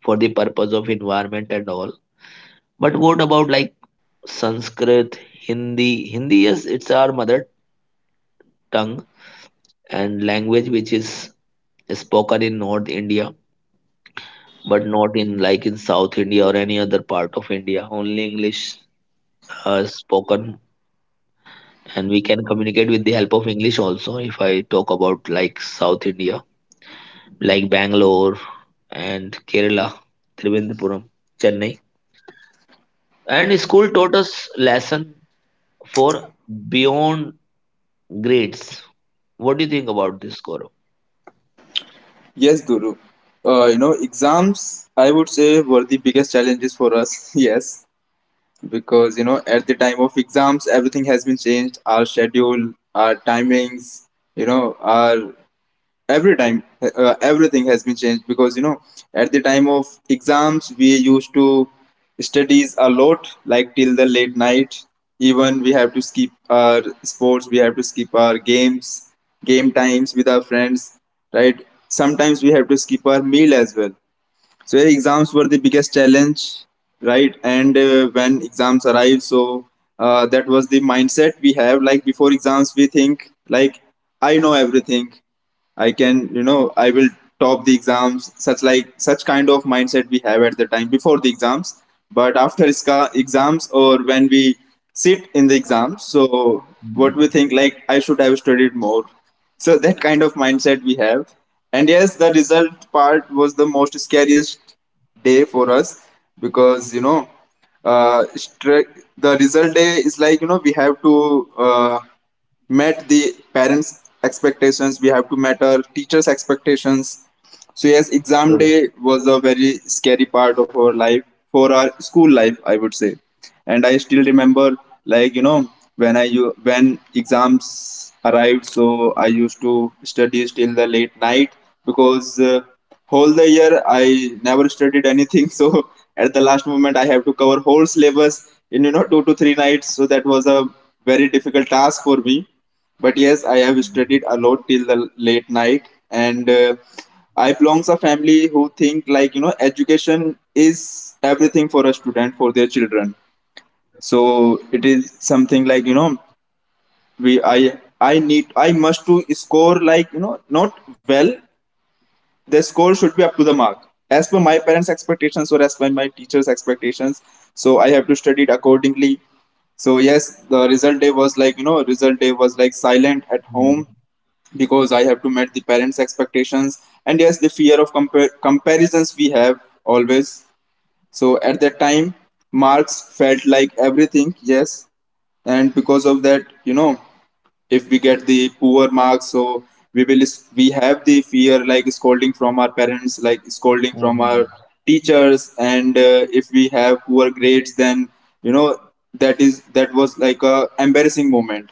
[SPEAKER 2] for the purpose of environment and all. But what about like Sanskrit? Hindi. yes, it's our mother tongue and language, which is spoken in North India, but not in like in South India or any other part of India. Only English spoken, and we can communicate with the help of English also. If I talk about like South India, like Bangalore and Kerala, Trivandrum, Chennai. And school taught us lesson for beyond grades. What do you think about this, Gaurav?
[SPEAKER 1] Yes, Duru. You know, exams, I would say, were the biggest challenges for us. (laughs) Yes, because you know at the time of exams, everything has been changed, our schedule, our timings, you know, our every time, everything has been changed, because you know at the time of exams we used to studies a lot, like till the late night. Even we have to skip our sports, we have to skip our games, game times with our friends, right? Sometimes we have to skip our meal as well. So yeah, exams were the biggest challenge, right? And when exams arrive, so that was the mindset we have. Like before exams, we think like I know everything. I can, you know, I will top the exams, such like such kind of mindset we have at the time before the exams. But after SCA exams, or when we sit in the exams, so what we think like I should have studied more. So that kind of mindset we have. And yes, the result part was the most scariest day for us, because you know uh, stre- the result day is like you know we have to met the parents' expectations, we have to meet our teachers' expectations. So yes, exam day was a very scary part of our life, for our school life, I would say. And I still remember, like you know, when when exams arrived, so I used to study till the late night, because whole the year I never studied anything. (laughs) So at the last moment, I have to cover whole syllabus in you know two to three nights. So that was a very difficult task for me. But yes, I have studied a lot till the late night, and I belongs a family who think like you know education is everything for a student, for their children. So it is something like you know we I need, I must to score like you know not well. The score should be up to the mark as per my parents' expectations, or as per my teachers' expectations. So I have to study it accordingly. So yes, the result day was like you know result day was like silent at home, because I have to meet the parents' expectations. And yes, the fear of comparisons we have always. So at that time, marks felt like everything, yes, and because of that, you know, if we get the poor marks, so we will we have the fear like scolding from our parents, like scolding from our teachers. And if we have poor grades, then you know that is, that was like a embarrassing moment.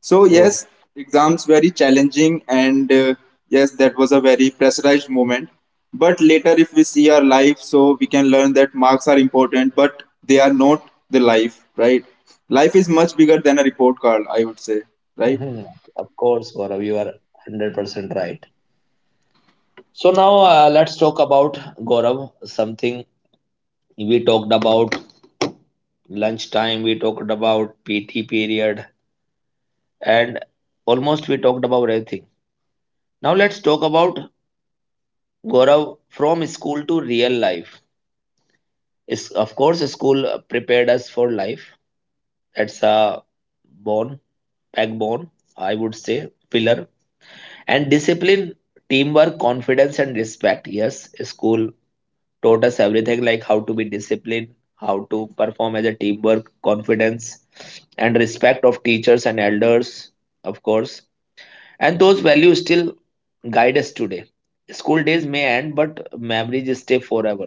[SPEAKER 1] So yes, exams very challenging, and yes, that was a very pressurized moment. But later, if we see our life, so we can learn that marks are important, but they are not the life, right? Life is much bigger than a report card, I would say, right?
[SPEAKER 2] Mhm. Of course, Gaurav, you are 100% right. So now let's talk about, Gaurav, something. We talked about lunchtime, we talked about PT period, and almost we talked about everything. Now let's talk about, Gaurav, from school to real life. Is of course school prepared us for life. That's a bone, backbone, I would say, pillar. And discipline, teamwork, confidence, and respect. Yes, school taught us everything, like how to be disciplined, how to perform as a teamwork, confidence, and respect of teachers and elders, of course. And those values still guide us today. School days may end, but memories stay forever.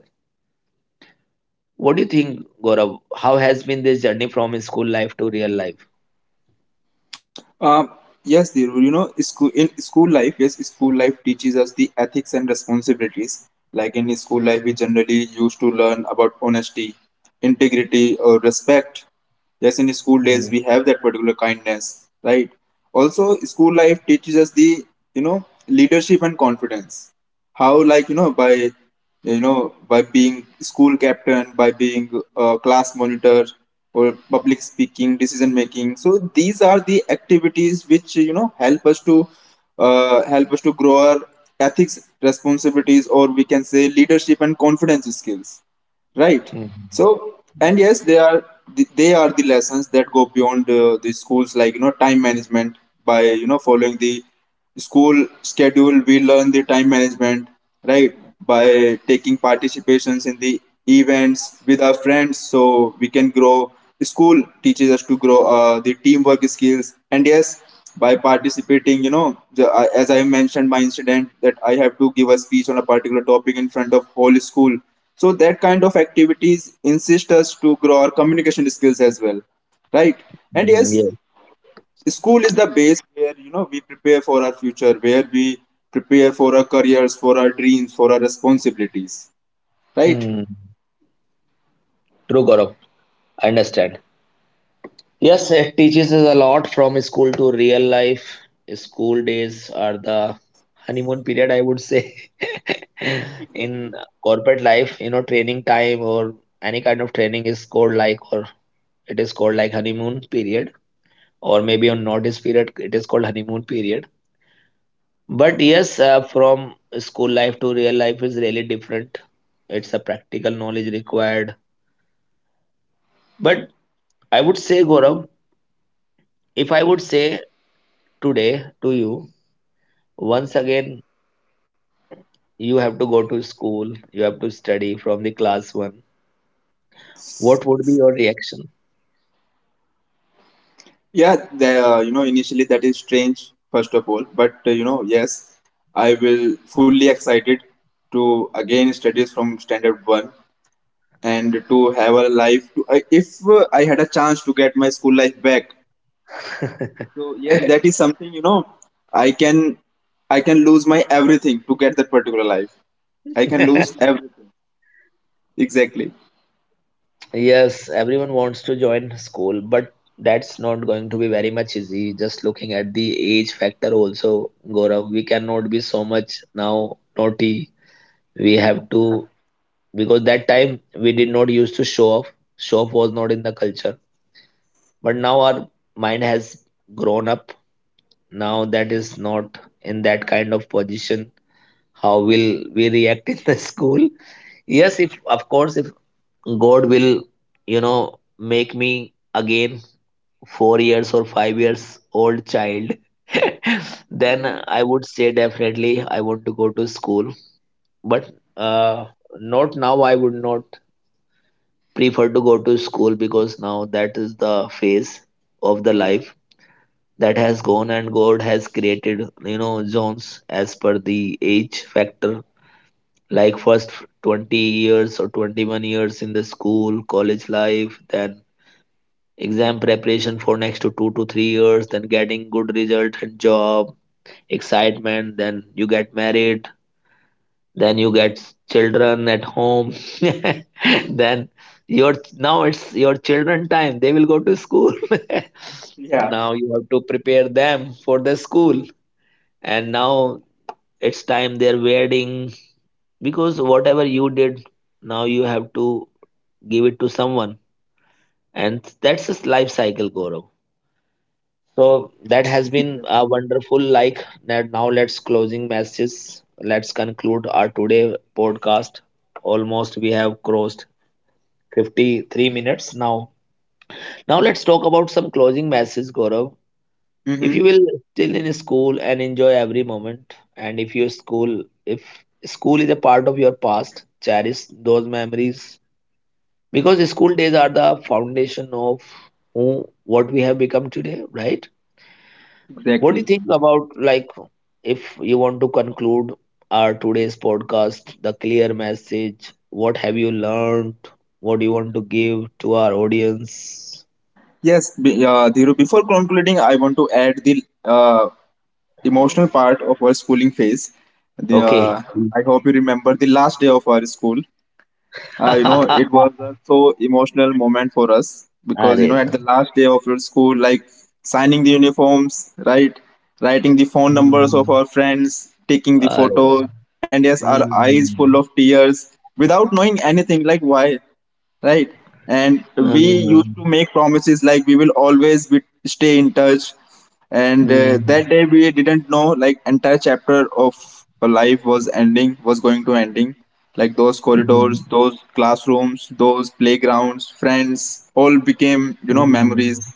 [SPEAKER 2] What do you think, Gaurav? How has been this journey from school life to real life?
[SPEAKER 1] Um, yes, Dhiru, you know, school in school life, yes, school life teaches us the ethics and responsibilities. Like in school life, we generally used to learn about honesty, integrity, or respect. Yes, in school days, we have that particular kindness, right? Also, school life teaches us the, leadership and confidence. How, by being school captain, by being class monitor or public speaking, decision making. So these are the activities which, you know, help us to grow our ethics, responsibilities, or we can say leadership and confidence skills, right? So,
[SPEAKER 2] Mhm.
[SPEAKER 1] and yes, they are the lessons that go beyond the schools, like, you know, time management. By, you know, following the school schedule, we learn the time management, right? By taking participations in the events with our friends, so we can grow. School teaches us to grow the teamwork skills. And yes, by participating, I, as I mentioned, my incident that I have to give a speech on a particular topic in front of whole school, so that kind of activities insist us to grow our communication skills as well, right? And
[SPEAKER 2] Mm,
[SPEAKER 1] yes,
[SPEAKER 2] yeah.
[SPEAKER 1] school is the base where, you know, we prepare for our future, where we prepare for our careers, for our dreams, for our responsibilities, right?
[SPEAKER 2] Mm, true, Gaurav. I understand. Yes, it teaches us a lot from school to real life. School days are the honeymoon period, I would say. (laughs) In
[SPEAKER 1] Exactly.
[SPEAKER 2] corporate life, you know, training time or any kind of training is called like, or it is called like honeymoon period, or maybe on notice period it is called honeymoon period. But yes, from school life to real life is really different. It's a practical knowledge required. But I would say, Gaurav, if I would say today to you, once again you have to go to school, you have to study from the class one, what would be your reaction?
[SPEAKER 1] Yeah, the, you know, initially that is strange, first of all. But, you know, yes, I will fully excited to again studies from standard one and to have a life. To, I, if I had a chance to get my school life back, so yes, that is something, you know, I can, I can lose my everything to get that particular life. I can lose
[SPEAKER 2] (laughs)
[SPEAKER 1] everything. Exactly.
[SPEAKER 2] Yes, everyone wants to join school, but that's not going to be very much easy. Just looking at the age factor also, Gaurav, we cannot be so much now naughty. We have to, because that time we did not used to show off. Show off was not in the culture. But now our mind has grown up. Now that is not in that kind of position. How will we react in the (laughs) school? Yes, if of course, if God will, you know, make me again 4 years or 5 years old child, (laughs) then I would say definitely I want to go to school. But uh, not now, I would not prefer to go to school because now that is the phase of the life that has gone, and God has created, you know, zones as per the age factor. Like first 20 years or 21 years in the school, college life, then exam preparation for next to 2 to 3 years, then getting good result and job, excitement, then you get married, then you get children at home, (laughs) then your now it's your children time. They will go to school. (laughs) Now you have to prepare them for the school, and now it's time their wedding, because whatever you did, now you have to give it to someone, and that's just life cycle, Gaurav. So that has been a
[SPEAKER 1] Exactly.
[SPEAKER 2] wonderful like that. Now let's closing messages. Let's conclude our today podcast. Almost we have crossed 53 minutes now. Now let's talk about some closing messages, Gaurav. If you
[SPEAKER 1] Mm-hmm.
[SPEAKER 2] will still in school and enjoy every moment, and if your school if school is a part of your past, cherish those memories, because school days are the foundation of who what we have become today, right? What do you
[SPEAKER 1] Exactly.
[SPEAKER 2] think about like if you want to conclude our today's podcast, the clear message, what have you learned? What do you want to give to our audience?
[SPEAKER 1] Yes, be, Dhiru, before concluding, I want to add the emotional part of our schooling phase. The,
[SPEAKER 2] Okay.
[SPEAKER 1] I hope you remember the last day of our school. You know, it
[SPEAKER 2] (laughs)
[SPEAKER 1] was a so emotional moment for us, because you
[SPEAKER 2] अरे
[SPEAKER 1] know, at
[SPEAKER 2] ना.
[SPEAKER 1] the last day of your school, like signing the uniforms, right, writing the phone numbers
[SPEAKER 2] hmm,
[SPEAKER 1] of our friends, taking the
[SPEAKER 2] अरे वाह.
[SPEAKER 1] photos, and yes, our eyes full
[SPEAKER 2] hmm,
[SPEAKER 1] of tears without knowing anything, like why, right? And we
[SPEAKER 2] hmm,
[SPEAKER 1] used to make promises like we will always be, stay in touch. And
[SPEAKER 2] hmm,
[SPEAKER 1] that day we didn't know like entire chapter of a life was ending, was going to ending. Like those corridors, those classrooms, those playgrounds, friends, all became, you know,
[SPEAKER 2] hmm,
[SPEAKER 1] memories,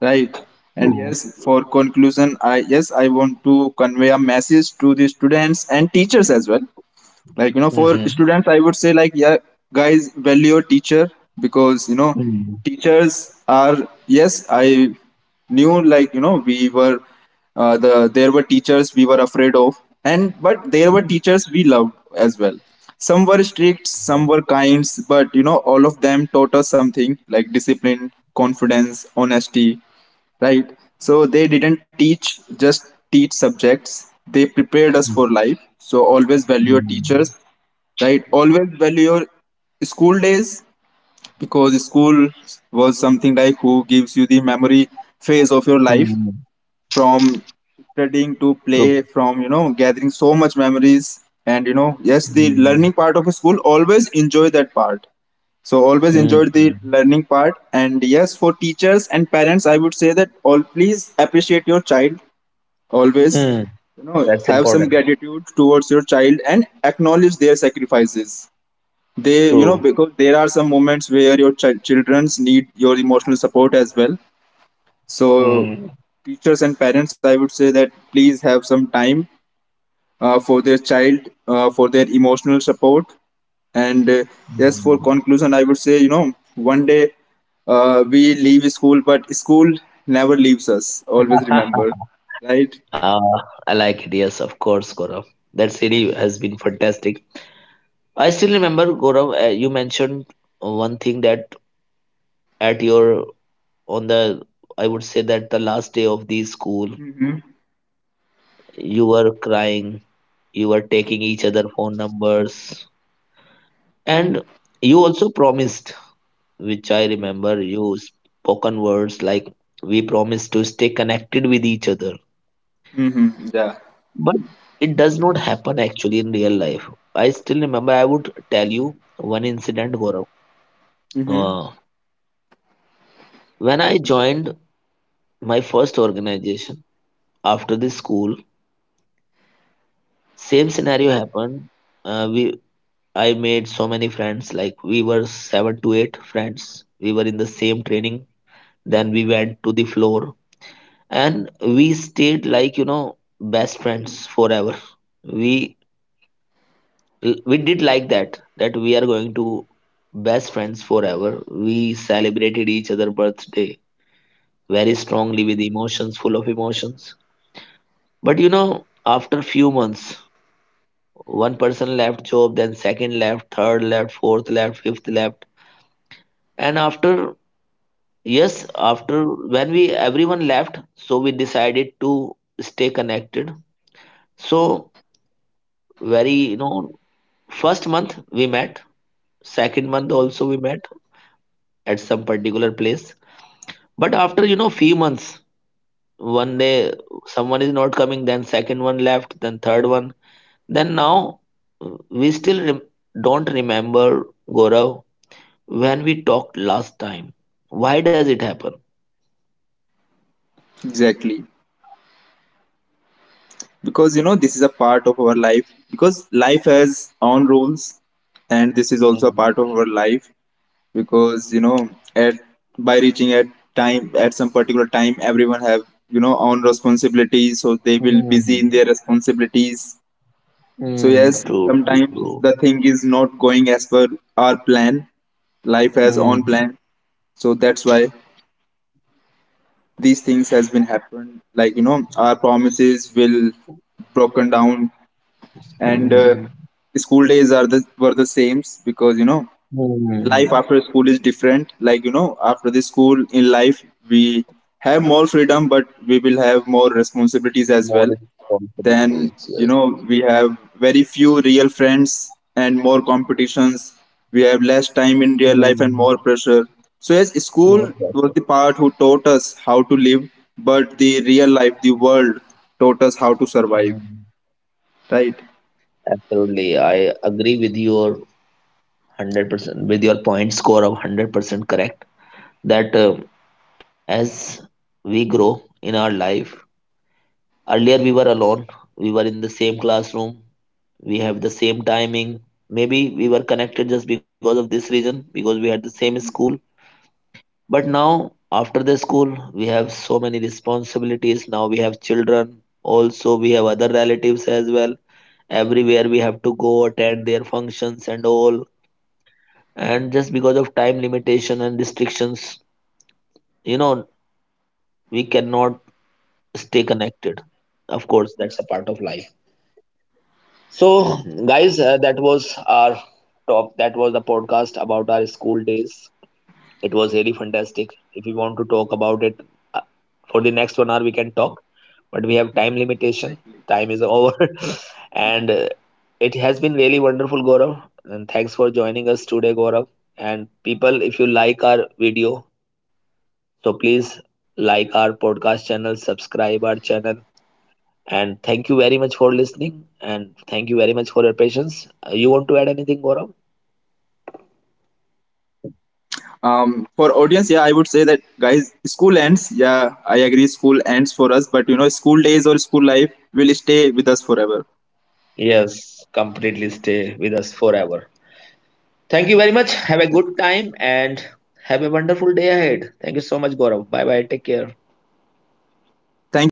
[SPEAKER 1] right? And yes, for conclusion, I want to convey a message to the students and teachers as well. Like, you know, for
[SPEAKER 2] hmm,
[SPEAKER 1] students, I would say, like, yeah, guys, value your teacher, because you know,
[SPEAKER 2] true.
[SPEAKER 1] teachers are, yes, I knew, like, you know, we were there were teachers we were afraid of, and but there were teachers we loved as well. Some were strict, some were kind, but you know, all of them taught us something like discipline, confidence, honesty, right? So they didn't teach just teach subjects, they prepared us for life. So always value your teachers,
[SPEAKER 2] hmm,
[SPEAKER 1] right? Always value your school days, because school was something like who gives you the memory phase of your
[SPEAKER 2] hmm,
[SPEAKER 1] life.
[SPEAKER 2] Hmm, hmm,
[SPEAKER 1] From studying to
[SPEAKER 2] true.
[SPEAKER 1] play, from, you know, gathering so much memories, and you know, yes, the
[SPEAKER 2] hmm,
[SPEAKER 1] learning part of school, always enjoy that part. So always
[SPEAKER 2] hmm,
[SPEAKER 1] enjoyed the learning part. And yes, for teachers and parents, I would say that all, please appreciate your child always.
[SPEAKER 2] Hmm.
[SPEAKER 1] You know,
[SPEAKER 2] That's
[SPEAKER 1] have
[SPEAKER 2] important.
[SPEAKER 1] some gratitude towards your child and acknowledge their sacrifices. They, you know,
[SPEAKER 2] True.
[SPEAKER 1] because there are some moments where your children's need your emotional support as well. So
[SPEAKER 2] Hmm.
[SPEAKER 1] teachers and parents, I would say that please have some time for their child, for their emotional support. And yes, for conclusion, I would say, you know, one day, we leave school, but school never leaves us, always remember, right?
[SPEAKER 2] Uh, I like it. Yes, of course, Gaurav. That series has been fantastic. I still remember, Gaurav, you mentioned one thing that at your, on the, I would say that the last day of the school,
[SPEAKER 1] Mm-hmm.
[SPEAKER 2] you were crying, you were taking each other phone numbers, and you also promised, which I remember, you spoken words like, we promised to stay connected with each other.
[SPEAKER 1] Mm-hmm. Yeah.
[SPEAKER 2] But it does not happen actually in real life. I still remember, I would tell you one incident, Gaurav.
[SPEAKER 1] Mm-hmm.
[SPEAKER 2] Uh, when I joined my first organization after the school, same scenario happened. We I made so many friends, like we were seven to eight friends. We were in the same training. Then we went to the floor, and we stayed like, you know, best friends forever. We we did like that that we are going to best friends forever. We celebrated each other birthday very strongly with emotions, full of emotions. But you know, after few months, one person left job, then second left, third left, fourth left, fifth left. And after, yes, after when we everyone left, so we decided to stay connected. So, very you know, first month we met, second month also we met at some particular place. But after you know few months, one day someone is not coming, then second one left, then third one, then now we don't remember, Gaurav, when we talked last time. Why does it happen?
[SPEAKER 1] Exactly. Because you know, this is a part of our life, because life has own rules, and this is also a part of our life. Because you know, at, by reaching at time, at some particular time, everyone have, you know, own responsibilities, so they will busy in their responsibilities. So yes,
[SPEAKER 2] True, true,
[SPEAKER 1] sometimes
[SPEAKER 2] true.
[SPEAKER 1] the thing is not going as per our plan, life has own plan. So that's why these things has been happened, like you know, our promises will broken down. And
[SPEAKER 2] Hmm.
[SPEAKER 1] school days are the were the same, because you know, life
[SPEAKER 2] Hmm.
[SPEAKER 1] after school is different. Like you know, after the school in life, we have more freedom, but we will have more responsibilities as
[SPEAKER 2] More
[SPEAKER 1] well. Then
[SPEAKER 2] responsibilities, yes.
[SPEAKER 1] you know, we have very few real friends and more competitions. We have less time in real life and
[SPEAKER 2] Hmm.
[SPEAKER 1] more pressure. So yes, school
[SPEAKER 2] More
[SPEAKER 1] was
[SPEAKER 2] pressure.
[SPEAKER 1] the part who taught us how to live, but the real life, the world, taught us how to survive,
[SPEAKER 2] Hmm.
[SPEAKER 1] right?
[SPEAKER 2] Absolutely, I agree with your 100%, with your point score of 100% correct. That as we grow in our life. Earlier, we were alone, we were in the same classroom, we have the same timing. Maybe we were connected just because of this reason, because we had the same school. But now, after the school, we have so many responsibilities. Now we have children, also, we have other relatives as well. Everywhere we have to go attend their functions and all. And just because of time limitation and restrictions, you know, we cannot stay connected. Of course, that's a part of life. So, guys, that was our top that was the podcast about our school days. It was really fantastic. If we want to talk about it, uh, for the next 1 hour we can talk, but we have time limitation. Time is over. (laughs) And it has been really wonderful, Gaurav, and thanks for joining us today, Gaurav. And people, if you like our video, so please like our podcast channel, subscribe our channel. And thank you very much for listening. And thank you very much for your patience. You want to add anything, Gaurav?
[SPEAKER 1] For audience, yeah, I would say that guys, school ends, yeah, I agree, school ends for us, but you know, school days or school life will stay with us forever.
[SPEAKER 2] Yes, completely stay with us forever. Thank you very much. Have a good time and have a wonderful day ahead. Thank you so much, Gaurav. Bye bye. Take care.
[SPEAKER 1] Thank you very much, Diru, thank